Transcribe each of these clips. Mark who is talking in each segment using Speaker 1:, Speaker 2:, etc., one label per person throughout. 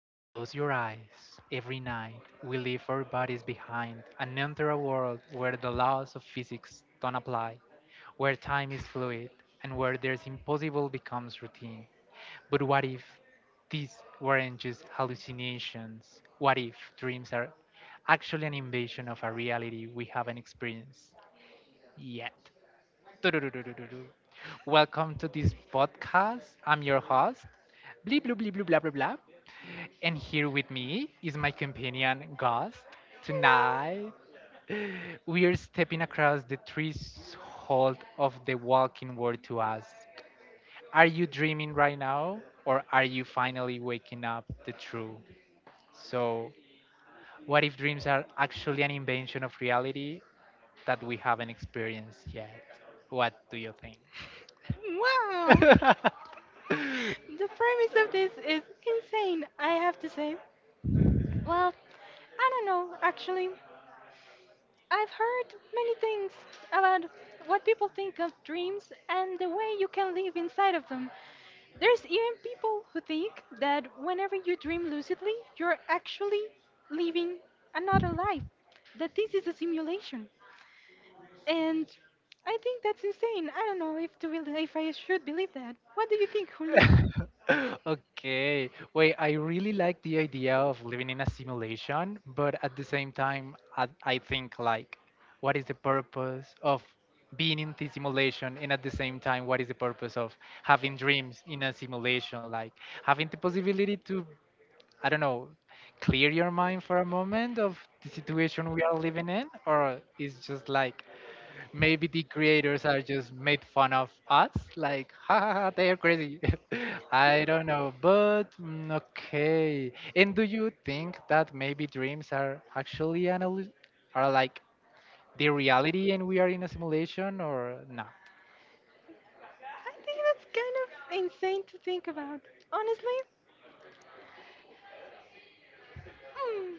Speaker 1: Close your eyes. Every night, we leave our bodies behind and enter a world where the laws of physics don't apply, where time is fluid, and where there's impossible becomes routine. But what if these weren't just hallucinations? What if dreams are actually an invasion of a reality we haven't experienced yet? Turururururu. Welcome to this podcast. I'm your host, Blee Blue Blee Blue Blah Blah Blah. And here with me is my companion Ghost. Tonight, we are stepping across the threshold of the walking world to ask, are you dreaming right now, or are you finally waking up the truth? So, what if dreams are actually an invention of reality that we haven't experienced yet? What do you think?
Speaker 2: No, wow. The premise of this is insane, I have to say. Well, I don't know, actually. I've heard many things about what people think of dreams and the way you can live inside of them. There's even people who think that whenever you dream lucidly, you're actually living another life, that this is a simulation. And I think that's insane. I don't know if I should believe that. What do you think, Julio?
Speaker 1: Okay. Wait, I really like the idea of living in a simulation, but at the same time, I think like, what is the purpose of being in the simulation? And at the same time, what is the purpose of having dreams in a simulation? Like having the possibility to, I don't know, clear your mind for a moment of the situation we are living in, or is just like maybe the creators are just made fun of us like ha, ha, ha, they are crazy. I don't know but okay, and do you think that maybe dreams are actually an are like the reality and we are in a simulation, or no?
Speaker 2: I think that's kind of insane to think about. Honestly, hmm,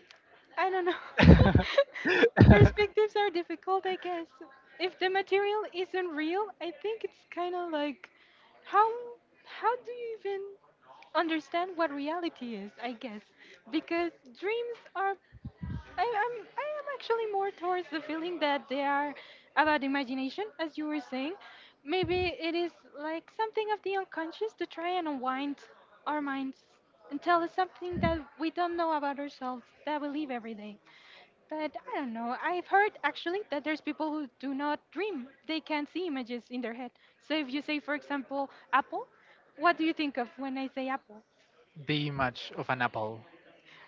Speaker 2: I don't know. Perspectives are difficult, I guess. If the material isn't real, I think it's kind of like how how do you even understand what reality is, I guess? Because dreams are I am actually more towards the feeling that they are about imagination, as you were saying. Maybe it is like something of the unconscious to try and unwind our minds and tell us something that we don't know about ourselves that we live every day. But I don't know. I've heard actually that there's people who do not dream. They can't see images in their head. So if you say, for example, apple, what do you think of when I say apple?
Speaker 1: Be much of an apple.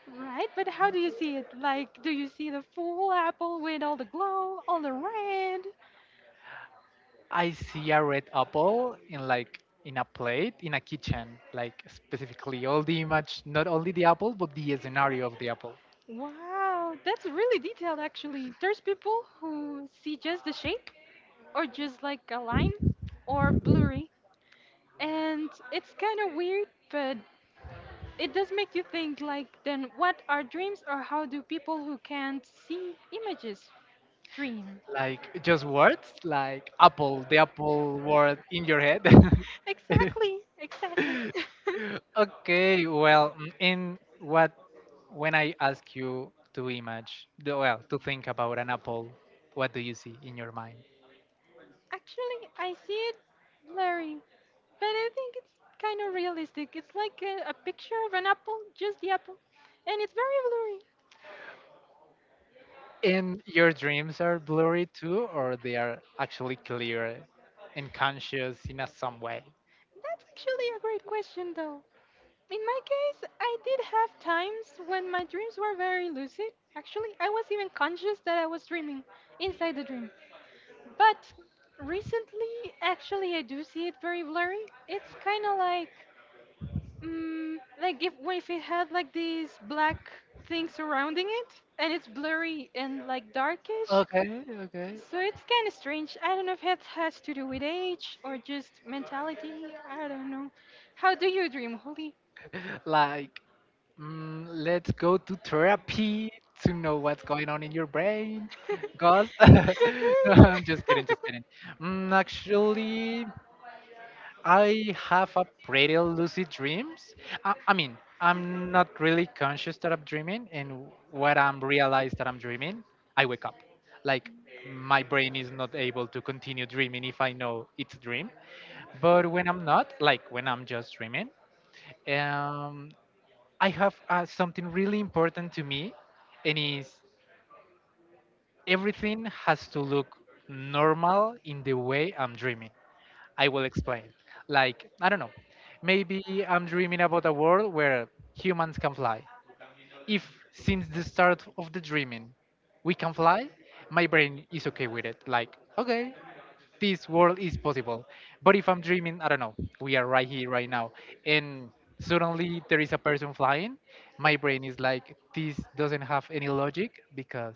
Speaker 2: Right, but how do you see it? Like, do you see the full apple with all the glow, all the red?
Speaker 1: I see a red apple in like in a plate in a kitchen, like specifically all the image, not only the apple but the scenario of the apple.
Speaker 2: Wow, that's really detailed actually. There's people who see just the shape, or just like a line, or blurry. And it's kind of weird, but it does make you think like, then what are dreams, or how do people who can't see images dream?
Speaker 1: Like just words, like apple, the apple word in your head.
Speaker 2: Exactly, exactly.
Speaker 1: Okay, well, in what when I ask you to image, to think about an apple, what do you see in your mind?
Speaker 2: Actually, I see it blurry, but I think it's kind of realistic. It's like a picture of an apple, just the apple, and it's very blurry.
Speaker 1: And your dreams are blurry too, or they are actually clear and conscious in a some way?
Speaker 2: That's actually a great question, though. In my case, I did have times when my dreams were very lucid. Actually, I was even conscious that I was dreaming inside the dream. But recently, actually, I do see it very blurry. It's kind of like like if it had like these black things surrounding it, and it's blurry and like darkish,
Speaker 1: Okay, okay.
Speaker 2: so it's kind of strange. I don't know if it has to do with age or just mentality. I don't know. How do you dream, Holly?
Speaker 1: Like, let's go to therapy to know what's going on in your brain. Ghost? No, I'm just kidding, just kidding. Actually, I have a pretty lucid dreams. I mean, I'm not really conscious that I'm dreaming, and when I'm realized that I'm dreaming, I wake up. Like my brain is not able to continue dreaming if I know it's a dream. But when I'm not, like when I'm just dreaming, um, I have something really important to me, and is everything has to look normal in the way I'm dreaming. I will explain. Like, I don't know. Maybe I'm dreaming about a world where humans can fly. If since the start of the dreaming we can fly, my brain is okay with it. Like, okay, this world is possible. But if I'm dreaming, I don't know, we are right here, right now, and suddenly there is a person flying, my brain is like, this doesn't have any logic because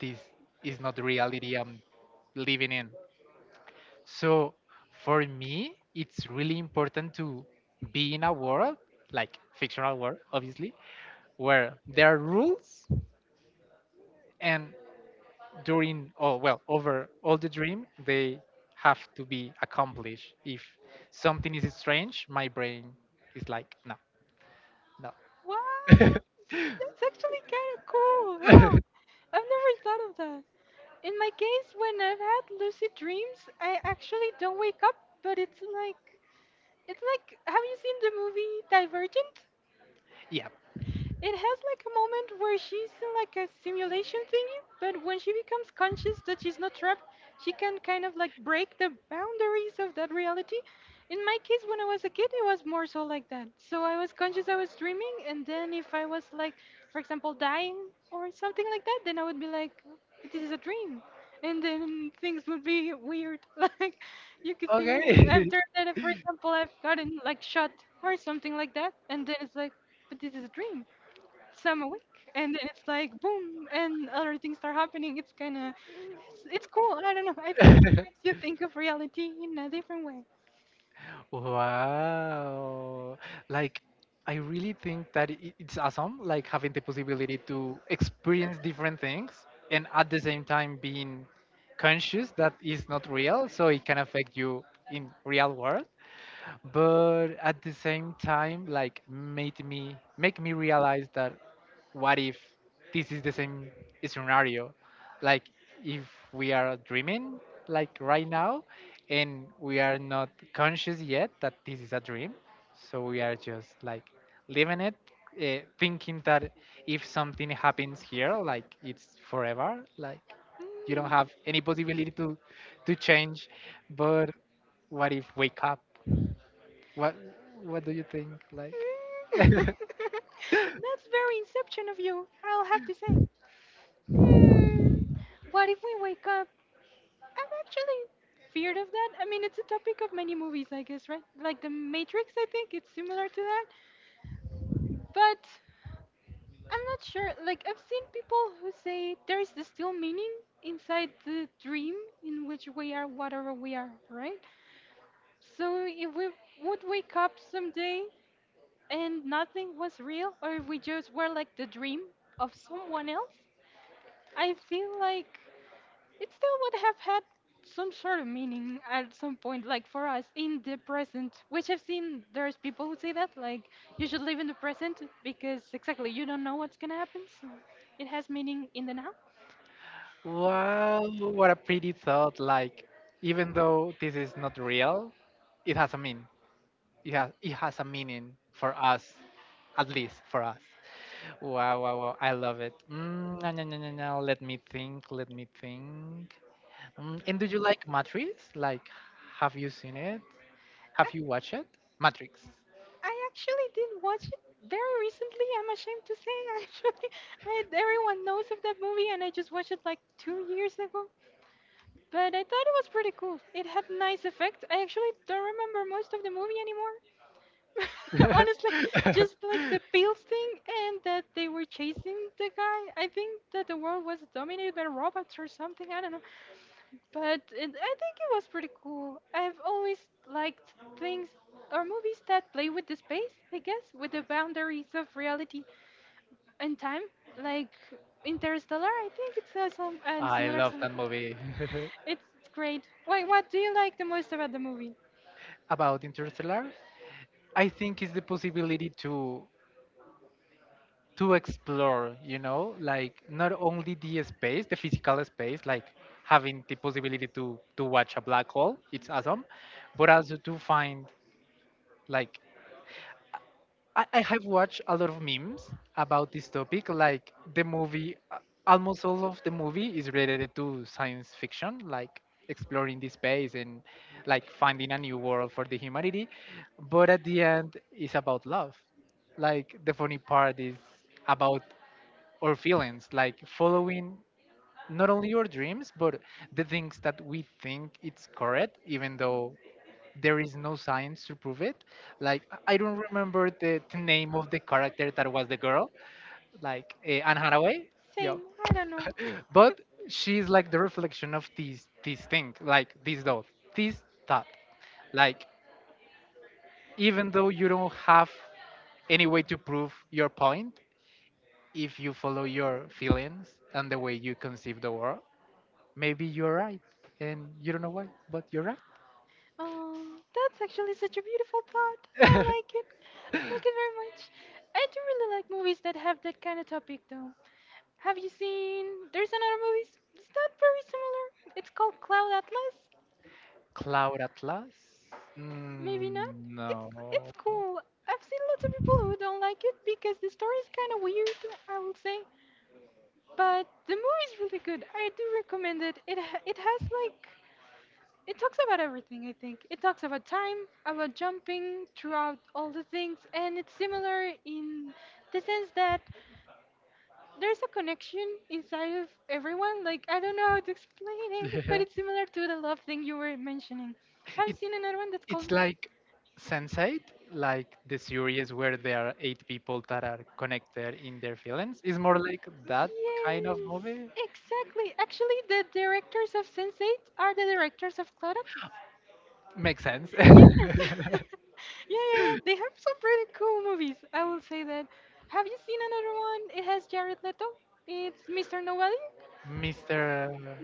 Speaker 1: this is not the reality I'm living in. So for me, it's really important to be in a world, like fictional world, obviously, where there are rules and during over all the dream they have to be accomplished. If something is strange, my brain is like, no,
Speaker 2: Wow, that's actually kind of cool.
Speaker 1: no.
Speaker 2: Wow, I've never thought of that. In my case, when I've had lucid dreams, I actually don't wake up, but it's like have you seen the movie Divergent?
Speaker 1: Yeah.
Speaker 2: It has like a moment where she's in like a simulation thingy, but when she becomes conscious that she's not trapped, she can kind of like break the boundaries of that reality. In my case, when I was a kid, it was more so like that. So I was conscious I was dreaming, and then if I was like, for example, dying or something like that, then I would be like, this is a dream. And then things would be weird. Like, you could see
Speaker 1: Okay.
Speaker 2: after that, for example, I've gotten like shot or something like that, and then it's like, but this is a dream some awake and then it's like boom and other things start happening. It's kind of it's cool. I don't know, I think it makes you think of reality in a different way.
Speaker 1: Wow. Like, I really think that it's awesome, like having the possibility to experience different things and at the same time being conscious that is not real, so it can affect you in real world, but at the same time like made me make me realize that what if this is the same scenario, like if we are dreaming like right now and we are not conscious yet that this is a dream, so we are just like living it, thinking that if something happens here like it's forever, like you don't
Speaker 2: Mm.
Speaker 1: have any possibility to change. But what if wake up? What? What do you think? Like,
Speaker 2: Mm. That's very inception of you, I'll have to say. Mm. What if we wake up? I'm actually feared of that. I mean, it's a topic of many movies, I guess, right? Like The Matrix, I think it's similar to that. But I'm not sure. Like I've seen people who say there is this still meaning inside the dream in which we are whatever we are, right? So if we would wake up someday and nothing was real, or if we just were like the dream of someone else, I feel like it still would have had some sort of meaning at some point, like for us in the present, which I've seen there's people who say that, like, you should live in the present because exactly you don't know what's gonna happen, so it has meaning in the now.
Speaker 1: wow, what a pretty thought! Like, even though this is not real, it has a mean. It has a meaning for us, at least for us. Wow, wow, wow! I love it. No, no, no, no, no. Let me think. Let me think. And do you like Matrix? Like, have you seen it? Have
Speaker 2: Have
Speaker 1: you watched it? Matrix.
Speaker 2: I actually did watch it very recently. I'm ashamed to say, actually, I, everyone knows of that movie, and I just watched it like 2 years ago. But I thought it was pretty cool. It had nice effects. I actually don't remember most of the movie anymore. Honestly, just like the pills thing and that they were chasing the guy. I think that the world was dominated by robots or something. I don't know. But it, I think it was pretty cool. I've always liked things or movies that play with the space, I guess, with the boundaries of reality and time. Like Interstellar, I think it's a some and
Speaker 1: I
Speaker 2: similar
Speaker 1: love that
Speaker 2: example.
Speaker 1: movie.
Speaker 2: It's great. Why? What do you like the most about the movie?
Speaker 1: About Interstellar, I think it's the possibility to explore, you know, like not only the space, the physical space, like having the possibility to watch a black hole. It's awesome, but also to find like I have watched a lot of memes about this topic. Like the movie, almost all of the movie is related to science fiction, like exploring the space and like finding a new world for the humanity. But at the end, it's about love. Like the funny part is about our feelings, like following not only your dreams but the things that we think it's correct even though there is no science to prove it. Like I don't remember the name of the character that was the girl, like Anne Hathaway. Yeah,
Speaker 2: Same. I don't know.
Speaker 1: but she's like the reflection of this this thing like this thought like even though you don't have any way to prove your point, if you follow your feelings and the way you conceive the world, maybe you're right, and you don't know why, but you're right.
Speaker 2: Oh, that's actually such a beautiful thought. I like it. I like it very much. I do really like movies that have that kind of topic, though. Have you seen? There's another movie. It's not very similar. It's called Cloud Atlas.
Speaker 1: Cloud Atlas?
Speaker 2: Maybe not.
Speaker 1: Mm, no.
Speaker 2: It's it's cool. I've seen lots of people who don't like it because the story is kind of weird. I will say, but the movie is really good. I do recommend it. It has like it talks about everything, I think. It talks about time, about jumping throughout all the things, and it's similar in the sense that there's a connection inside of everyone. Like, I don't know how to explain it, but
Speaker 1: it,
Speaker 2: it's similar to the love thing you were mentioning. Have you seen another one that's
Speaker 1: it's
Speaker 2: called
Speaker 1: like Sense8, like the series where there are eight people that are connected in their feelings. It's more like that kind of
Speaker 2: Yes,
Speaker 1: movie.
Speaker 2: exactly. Actually, the directors of Sense8 are the directors of Cloud Atlas.
Speaker 1: Makes sense.
Speaker 2: Yes. yeah, yeah, yeah. They have some pretty cool movies. I will say that. Have you seen another one? It has Jared Leto. It's Mr. Nobody.
Speaker 1: Mr.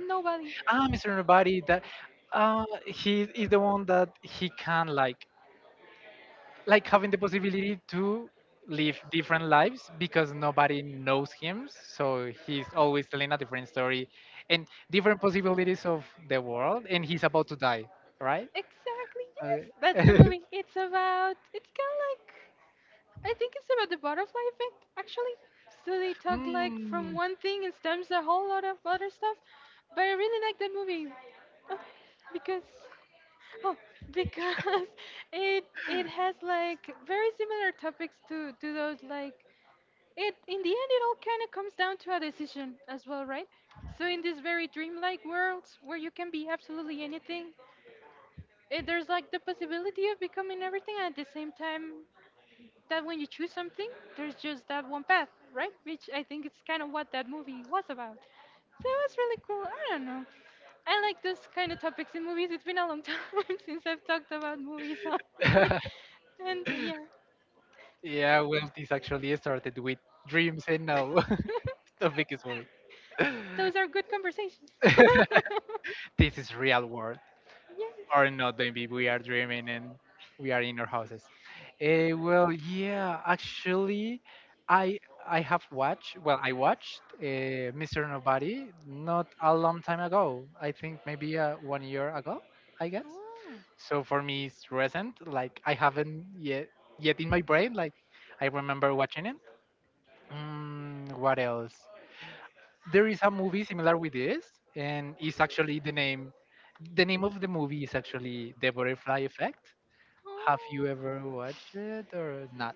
Speaker 2: Nobody.
Speaker 1: Ah, Mr. Nobody. That he is the one that he can like having the possibility to live different lives because nobody knows him, so he's always telling a different story and different possibilities of the world, and he's about to die, right?
Speaker 2: Exactly.
Speaker 1: Uh,
Speaker 2: Yes. That's the movie. It's about. It's kind of like. I think it's about the butterfly effect, actually. So they talk like from
Speaker 1: mm.
Speaker 2: one thing and stems a whole lot of other stuff. But I really like that movie. Uh, Because Oh, because it has like very similar topics to those like it in the end it all kind of comes down to a decision as well, right? So in this very dreamlike world where you can be absolutely anything, there's like the possibility of becoming everything at the same time that when you choose something, there's just that one path, right? Which I think it's kind of what that movie was about. So it was really cool. I don't know. I like this kind of topics in movies. It's been a long time since I've talked about movies, honestly. And yeah,
Speaker 1: Yeah, well, this actually started with dreams and now the biggest movie.
Speaker 2: those are good conversations.
Speaker 1: This is real world. Or
Speaker 2: Yes.
Speaker 1: not the MVP, we are dreaming and we are in our houses. Eh, well, yeah, actually, I I have watched. Well, I watched Mr. Nobody not a long time ago. I think maybe 1 year ago, I guess.
Speaker 2: Oh,
Speaker 1: So for me, it's recent. Like I haven't yet in my brain. Like I remember watching it. What else? There is a movie similar with this, and it's actually the name. The name of the movie is actually The Butterfly Effect.
Speaker 2: oh.
Speaker 1: Have you ever watched it or not?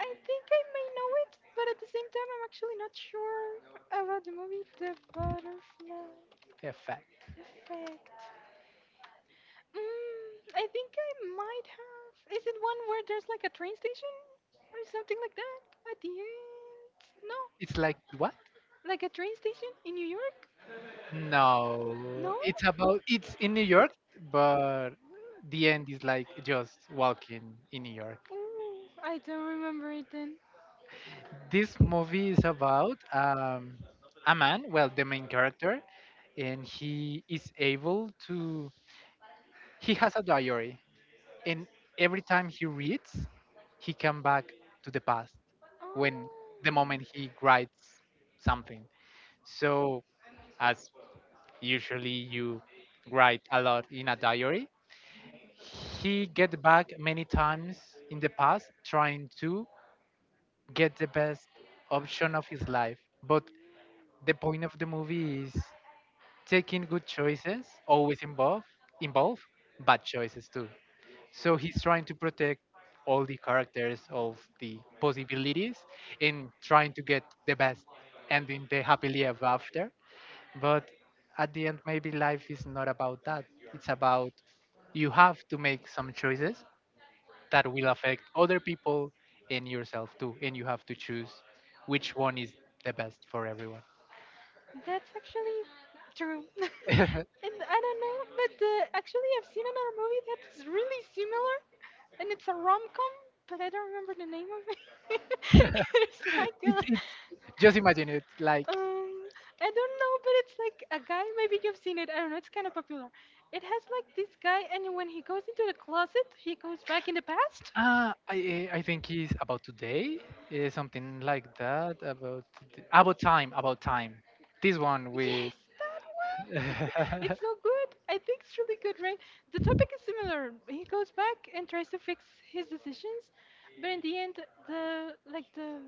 Speaker 2: I think I may know it, but at the same time, I'm actually not sure about the movie The Butterfly
Speaker 1: Effect.
Speaker 2: Effect. Mm, I think I might have. Is it one where there's like a train station or something like that at the end? No,
Speaker 1: It's like what?
Speaker 2: like a train station in New York? No?
Speaker 1: No, it's about it's in New York, but the end is like just walking in New York.
Speaker 2: Ooh, I don't remember it then.
Speaker 1: This movie is about a man, well, the main character, and he is able to. He has a diary, and every time he reads he come back to the past when
Speaker 2: Oh.
Speaker 1: the moment he writes something. So as usually you write a lot in a diary, he get back many times in the past trying to get the best option of his life. But the point of the movie is taking good choices always involve bad choices too. So he's trying to protect all the characters of the possibilities and trying to get the best ending, the happily ever after. But at the end, maybe life is not about that. It's about you have to make some choices that will affect other people and yourself too. And you have to choose which one is the best for everyone.
Speaker 2: That's actually true.
Speaker 1: It,
Speaker 2: And I don't know, but actually, I've seen another movie that's really similar, and it's a rom com, but I don't remember the name of it. It's like a,
Speaker 1: it's just imagine it like
Speaker 2: um, I don't know, but it's like a guy. Maybe you've seen it. I don't know. It's kind of popular. It has like this guy, and when he goes into the closet, he goes back in the past.
Speaker 1: I think it's about today, something like that. About about time, about time. This one with
Speaker 2: Yes, that one. It's so good. I think it's really good, right? The topic is similar. He goes back and tries to fix his decisions, but in the end, the like the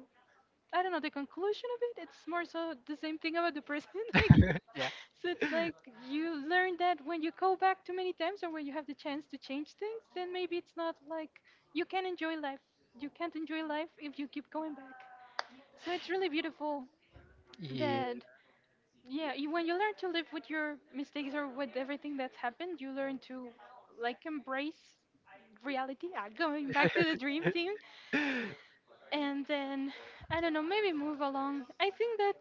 Speaker 2: I don't know the conclusion of it. It's more so the same thing about the person. Like,
Speaker 1: yeah,
Speaker 2: so it's like you learn that when you go back too many times or when you have the chance to change things, then maybe it's not like you can enjoy life. You can't enjoy life if you keep going back. So it's really beautiful
Speaker 1: yeah.
Speaker 2: that yeah, you, when you learn to live with your mistakes or with everything that's happened, you learn to like embrace reality. Going back to the dream team, and then I don't know, maybe move along. I think that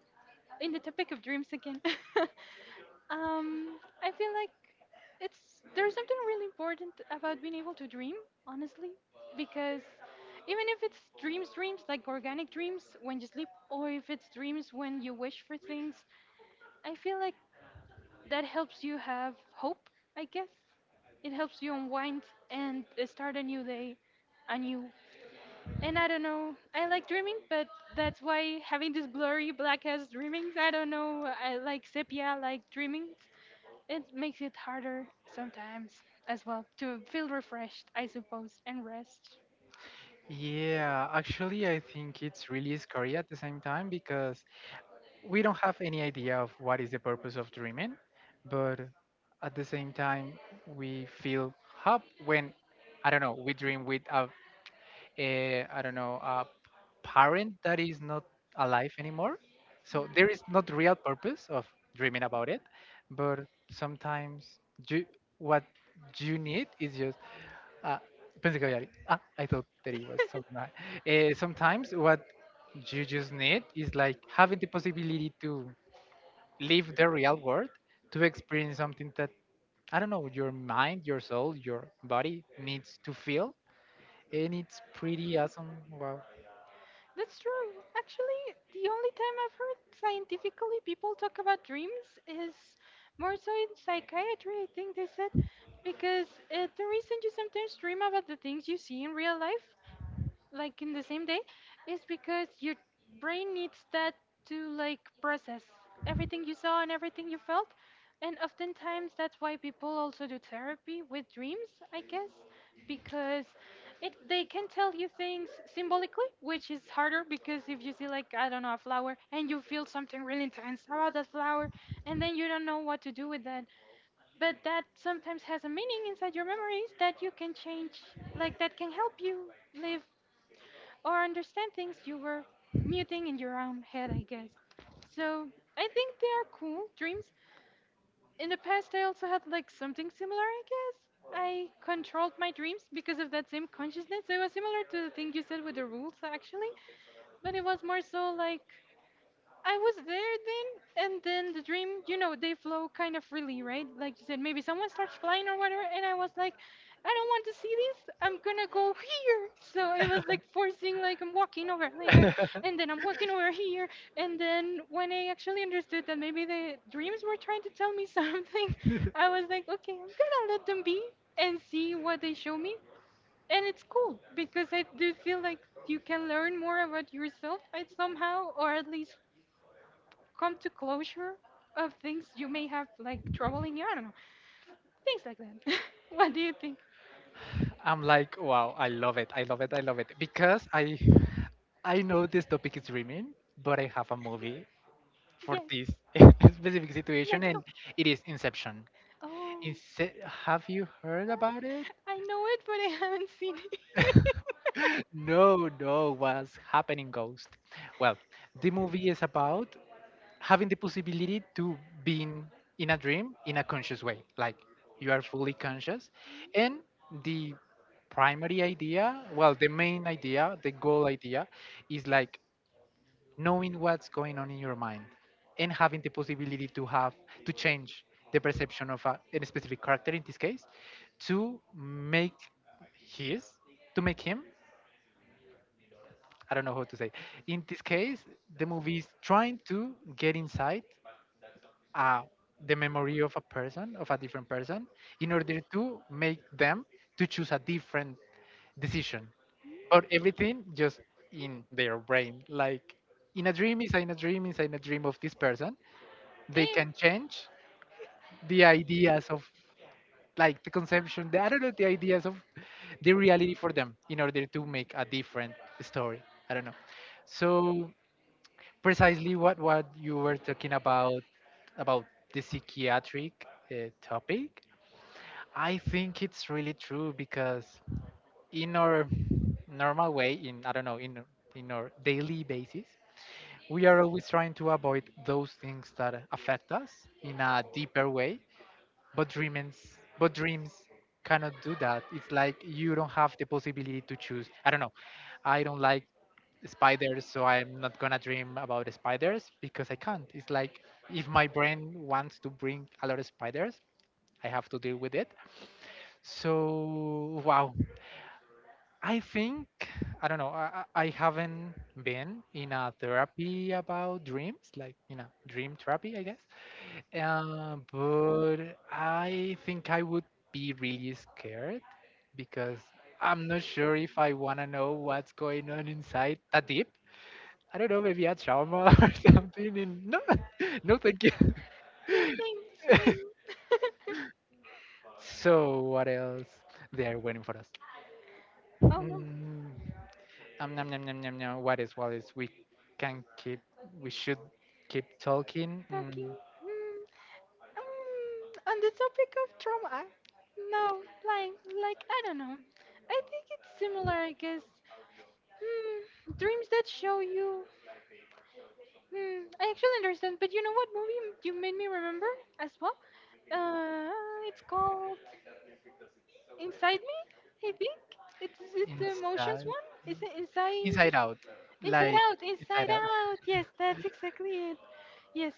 Speaker 2: in the topic of dreams again, I feel like it's there's something really important about being able to dream, honestly, because even if it's dreams, dreams like organic dreams when you sleep, or if it's dreams when you wish for things, I feel like that helps you have hope, I guess. It helps you unwind and start a new day anew. And I don't know, I like dreaming, but that's why having this blurry black ass dreamings, I don't know, I like sepia, like dreamings. It makes it harder sometimes as well to feel refreshed, I suppose, and rest.
Speaker 1: Yeah. Actually, I think it's really scary at the same time because we don't have any idea of what is the purpose of dreaming, but at the same time we feel hope when, I don't know, we dream with a I don't know, a parent that is not alive anymore. So there is not real purpose of dreaming about it, but sometimes you, what you need is just. Uh, pensé que había alguien. Ah, I thought that it was something, right. Eh, sometimes what you just need is like having the possibility to live the real world, to experience something that, I don't know, your mind, your soul, your body needs to feel, and it's pretty awesome. Wow.
Speaker 2: That's true. Actually, the only time I've heard scientifically people talk about dreams is more so in psychiatry, I think they said, because the reason you sometimes dream about the things you see in real life like in the same day is because your brain needs that to like process everything you saw and everything you felt, and oftentimes that's why people also do therapy with dreams, I guess, because it they can tell you things symbolically, which is harder because if you see, like, I don't know, a flower, and you feel something really intense about that flower and then you don't know what to do with that. But that sometimes has a meaning inside your memories that you can change, like that can help you live or understand things you were muting in your own head, I guess. So I think they are cool dreams. In the past, I also had like something similar, I guess. I controlled my dreams because of that same consciousness. It was similar to the thing you said with the rules, actually, but it was more so like I was there then, and then the dream, you know, they flow kind of freely, right? Like you said, maybe someone starts flying or whatever, and I was like, I don't want to see this. I'm gonna go here. So it was like forcing, like I'm walking over there, and then I'm walking over here, and then when I actually understood that maybe the dreams were trying to tell me something, I was like, okay, I'm gonna let them be and see what they show me, and it's cool because I do feel like you can learn more about yourself I somehow, or at least come to closure of things you may have like troubling you. I don't know. Things like that. What do you think?
Speaker 1: I'm like, wow, I love it. I love it. I love it. Because I know this topic is dreaming, but I have a movie for
Speaker 2: Yes.
Speaker 1: this specific situation,
Speaker 2: Let's go.
Speaker 1: and it is Inception.
Speaker 2: Oh.
Speaker 1: Inse- have you heard about it?
Speaker 2: I know it, but I haven't seen it.
Speaker 1: No, no, what's happening ghost. Well, the movie is about having the possibility to being in a dream in a conscious way, like you are fully conscious, and the the main idea, the goal idea, is like knowing what's going on in your mind and having the possibility to have to change the perception of a specific character. In this case, to make his, to make him, I don't know how to say. In this case, the movie is trying to get inside uh, the memory of a person, of a different person, in order to make them to choose a different decision. But everything just in their brain. Like in a dream, is in a dream, is in a dream of this person. They
Speaker 2: Damn.
Speaker 1: can change the ideas of, like, the conception, the, I don't know, the ideas of the reality for them in order to make a different story. I don't know. So precisely what you were talking about the psychiatric topic, I think it's really true because in our normal way, in, I don't know, in our daily basis, we are always trying to avoid those things that affect us in a deeper way. But dreams, but dreams, cannot do that. It's like you don't have the possibility to choose. I don't know, I don't like spiders, so I'm not gonna dream about spiders because I can't. It's like if my brain wants to bring a lot of spiders, I have to deal with it. So wow, I think, I don't know. I haven't been in a therapy about dreams, like in a dream therapy, I guess. But I think I would be really scared because I'm not sure if I want to know what's going on inside that deep. I don't know, maybe a trauma or something. And no, no, thank you.
Speaker 2: Yeah, same, same.
Speaker 1: So, what else? They are waiting for us. Mm,
Speaker 2: Oh no,
Speaker 1: nom, nom, nom, nom, nom. What is, what is? We can keep, we should keep talking.
Speaker 2: talking. Hmm. On the topic of trauma, no, like I don't know. I think it's similar, I guess. Hmm, dreams that show you. Hmm, I actually understand, but you know what movie you made me remember as well? Uh, it's called Inside Me, I think. It's, is it the emotions
Speaker 1: Inside,
Speaker 2: one? Is it Inside?
Speaker 1: inside out,
Speaker 2: Inside
Speaker 1: like
Speaker 2: Out,
Speaker 1: inside
Speaker 2: Inside
Speaker 1: out.
Speaker 2: Out. Yes, that's exactly it. Yes.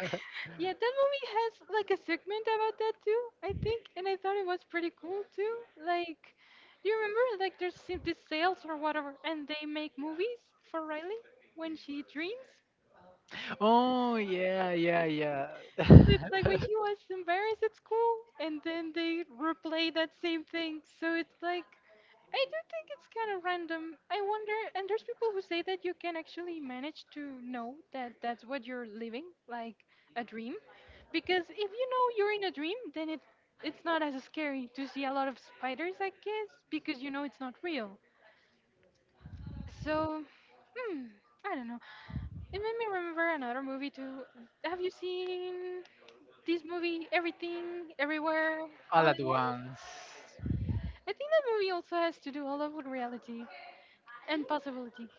Speaker 2: Yeah, that movie has like a segment about that too, I think, and I thought it was pretty cool too. Like, do you remember like there's these sales or whatever, and they make movies for Riley when she dreams?
Speaker 1: Oh yeah, yeah, yeah.
Speaker 2: It's like when she was embarrassed at school, and then they replay that same thing. So it's like I do think it's kind of random. I wonder, and there's people who say that you can actually manage to know that that's what you're living, like a dream, because if you know you're in a dream, then it's not as scary to see a lot of spiders, I guess, because you know it's not real. So, hmm, I don't know. It made me remember another movie too. Have you seen this movie, Everything, Everywhere,
Speaker 1: All
Speaker 2: All at
Speaker 1: at
Speaker 2: Once?
Speaker 1: once.
Speaker 2: I think that movie also has to do a lot with reality and possibility.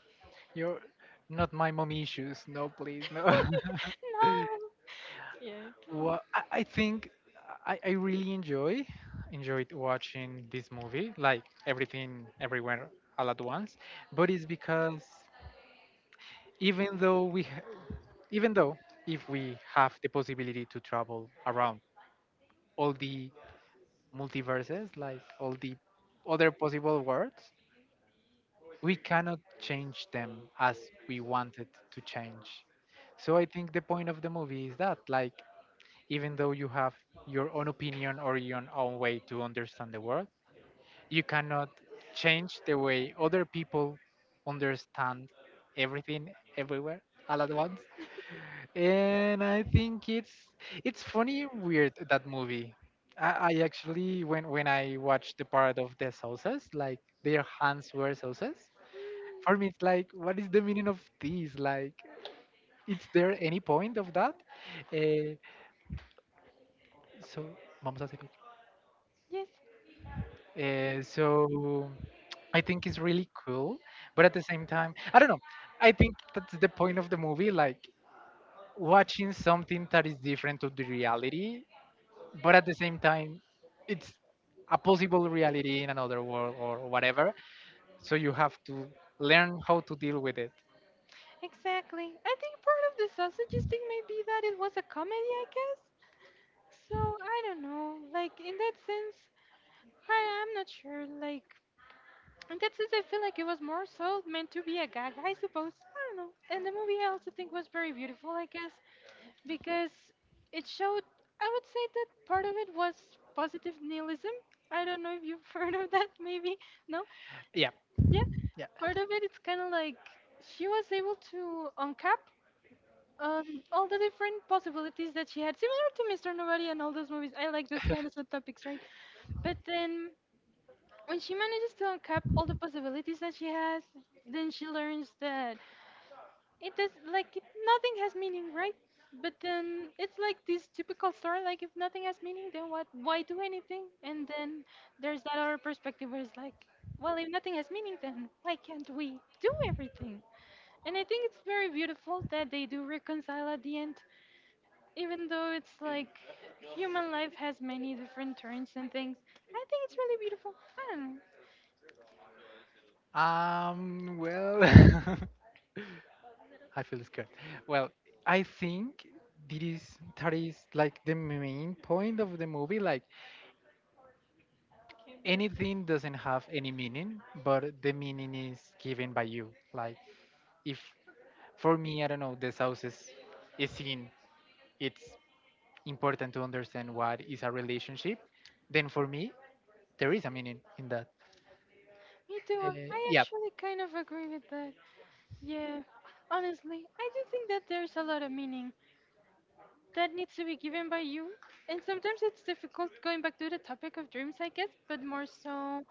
Speaker 1: You're not my mom issues. No, please, no.
Speaker 2: No. Yeah, I get it.
Speaker 1: Well, I think I really enjoyed watching this movie, like everything, everywhere, all at once. But it's because even though even though, if we have the possibility to travel around all the multiverses, like all the other possible worlds, we cannot change them as we wanted to change. So I think the point of the movie is that, like, even though you have your own opinion or your own way to understand the world, you cannot change the way other people understand everything, everywhere, all at once. And I think it's funny and weird, that movie. I actually when I watched the part of the sauces, like their hands were sauces,
Speaker 2: Mm,
Speaker 1: for me it's like, what is the meaning of this? Like, is there any point of that? Eh, so vamos a hacer
Speaker 2: yes,
Speaker 1: Eh, so I think it's really cool, but at the same time, I don't know. I think that's the point of the movie, like watching something that is different to the reality, but at the same time, it's a possible reality in another world or whatever, so you have to learn how to deal with it.
Speaker 2: exactly. I think part of the sausages thing may be that it was a comedy, I guess. So I don't know. Like in that sense, I'm not sure. Like in that sense, I feel like it was more so meant to be a gag, I suppose. I don't know. And the movie I also think was very beautiful, I guess, because it showed. I would say that part of it was positive nihilism. I don't know if you've heard of that, maybe. No?
Speaker 1: Yeah,
Speaker 2: Yeah,
Speaker 1: yeah.
Speaker 2: part of it, it's kind of like she was able to uncap um, all the different possibilities that she had, similar to Mr. Nobody and all those movies. I like those kind of subtopics, right? But then when she manages to uncap all the possibilities that she has, then she learns that it does like it, nothing has meaning, right? But then it's like this typical story, like if nothing has meaning, then what, why do anything? And then there's that other perspective where it's like, well, if nothing has meaning, then why can't we do everything? And I think it's very beautiful that they do reconcile at the end, even though it's like human life has many different turns and things. I think it's really beautiful. I don't know.
Speaker 1: Well, I feel scared. Well, I think that is, that is like the main point of the movie. Like, anything doesn't have any meaning, but the meaning is given by you. Like, if for me, I don't know, the house is seen. It's important to understand what is a relationship. Then for me, there is a meaning in that.
Speaker 2: Me too.
Speaker 1: Uh,
Speaker 2: I
Speaker 1: yeah.
Speaker 2: actually kind of agree with that. Yeah, honestly, I do think that there's a lot of meaning that needs to be given by you. And sometimes it's difficult going back to the topic of dreams, I guess, but more so, I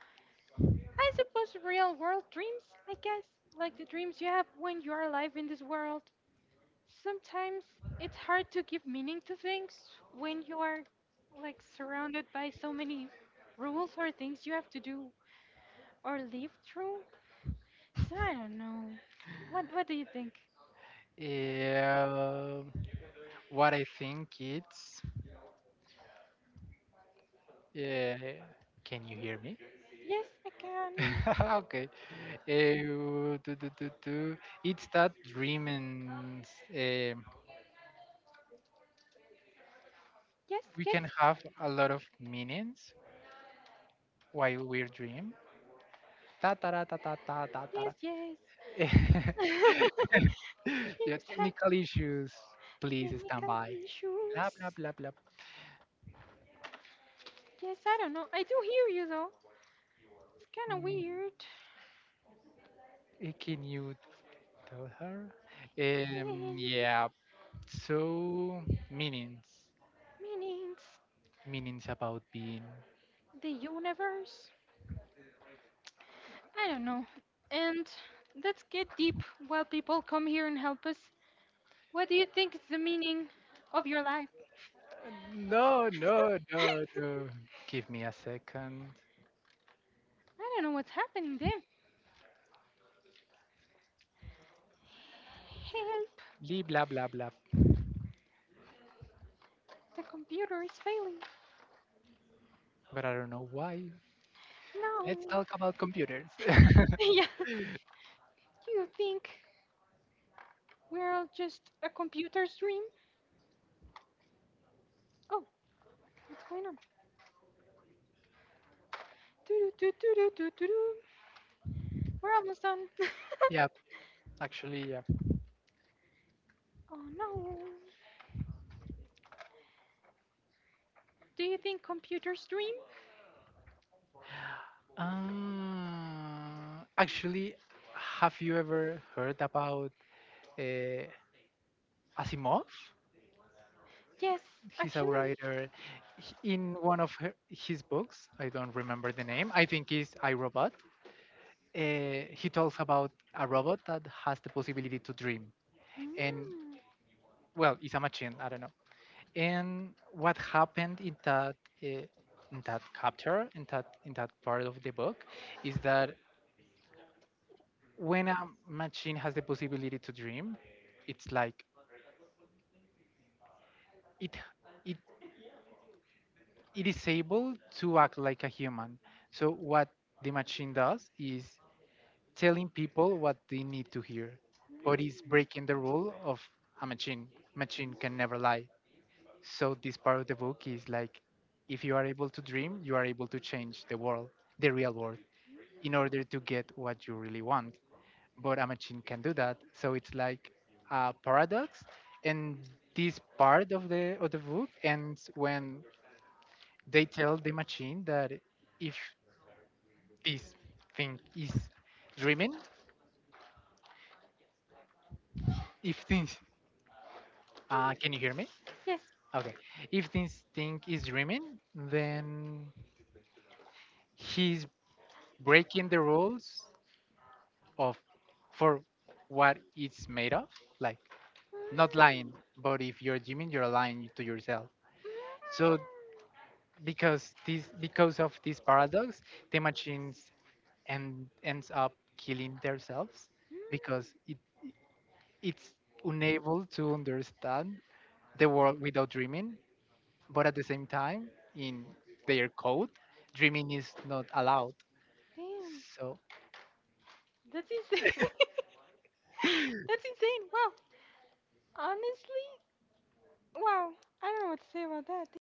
Speaker 2: suppose, real world dreams, I guess, like the dreams you have when you are alive in this world. Sometimes it's hard to give meaning to things when you are like surrounded by so many rules or things you have to do or live through. So I don't know. What do you think?
Speaker 1: Uh, what I think it's. Uh, can you hear me?
Speaker 2: Yes, I can.
Speaker 1: Okay. Do, do, do, do. It's that dream, and eh,
Speaker 2: Yes,
Speaker 1: we
Speaker 2: yes,
Speaker 1: can have a lot of meanings while we're dream. Ta ta ta ta ta ta ta ta.
Speaker 2: yes,
Speaker 1: Ta.
Speaker 2: yes.
Speaker 1: Your
Speaker 2: Cheers have
Speaker 1: technical issues, please stand
Speaker 2: technical
Speaker 1: by. Blah blah
Speaker 2: issues.
Speaker 1: blah blah.
Speaker 2: Yes, I don't know. I do hear you though. It's kind of
Speaker 1: Mm,
Speaker 2: weird.
Speaker 1: can you tell her?
Speaker 2: Hey,
Speaker 1: Yeah. So meanings,
Speaker 2: meanings,
Speaker 1: meanings about being.
Speaker 2: the universe. I don't know. And let's get deep while people come here and help us. What do you think is the meaning of your life?
Speaker 1: No, no, no,
Speaker 2: I
Speaker 1: no. Give me a second.
Speaker 2: don't know what's happening there. Help!
Speaker 1: Lee, blah, blah, blah.
Speaker 2: The computer is failing.
Speaker 1: But I don't know why. Let's
Speaker 2: No.
Speaker 1: talk about computers.
Speaker 2: Yeah. Do you think we're all just a computer's dream? Oh, what's going on? Doo doo doo doo doo doo doo. We're almost done.
Speaker 1: Yeah, actually, yeah.
Speaker 2: Oh no. Do you think computers dream?
Speaker 1: Actually, have you ever heard about uh, Asimov?
Speaker 2: Yes,
Speaker 1: He's a
Speaker 2: actually.
Speaker 1: writer. In one of her, his books, I don't remember the name. I think it's I Robot. He talks about a robot that has the possibility to dream,
Speaker 2: Mm.
Speaker 1: and
Speaker 2: Mm.
Speaker 1: well, it's a machine, I don't know. And what happened uh, in that chapter, in that part of the book, is that when a machine has the possibility to dream, it's like it it it is able to act like a human. So what the machine does is telling people what they need to hear, but it's breaking the rule of a machine. Machine can never lie. So this part of the book is like, if you are able to dream, you are able to change the world, the real world, in order to get what you really want. But a machine can do that. So it's like a paradox. And this part of the book ends when they tell the machine that if this thing is dreaming, if things
Speaker 2: Can
Speaker 1: can you hear me?
Speaker 2: Yes.
Speaker 1: Okay. If this thing is dreaming, then he's breaking the rules of, for what it's made of. Like, not lying,
Speaker 2: Mm.
Speaker 1: but if you're gymming, you're lying to yourself. So
Speaker 2: Through.
Speaker 1: because this because of this paradox, the machines and ends up killing themselves
Speaker 2: Mm.
Speaker 1: because
Speaker 2: Mm.
Speaker 1: it, it's unable to understand the world without dreaming, but at the same time, in their code, dreaming is not allowed.
Speaker 2: Damn.
Speaker 1: So
Speaker 2: That's insane. That's insane. Wow. Honestly, wow. I don't know what to say about that.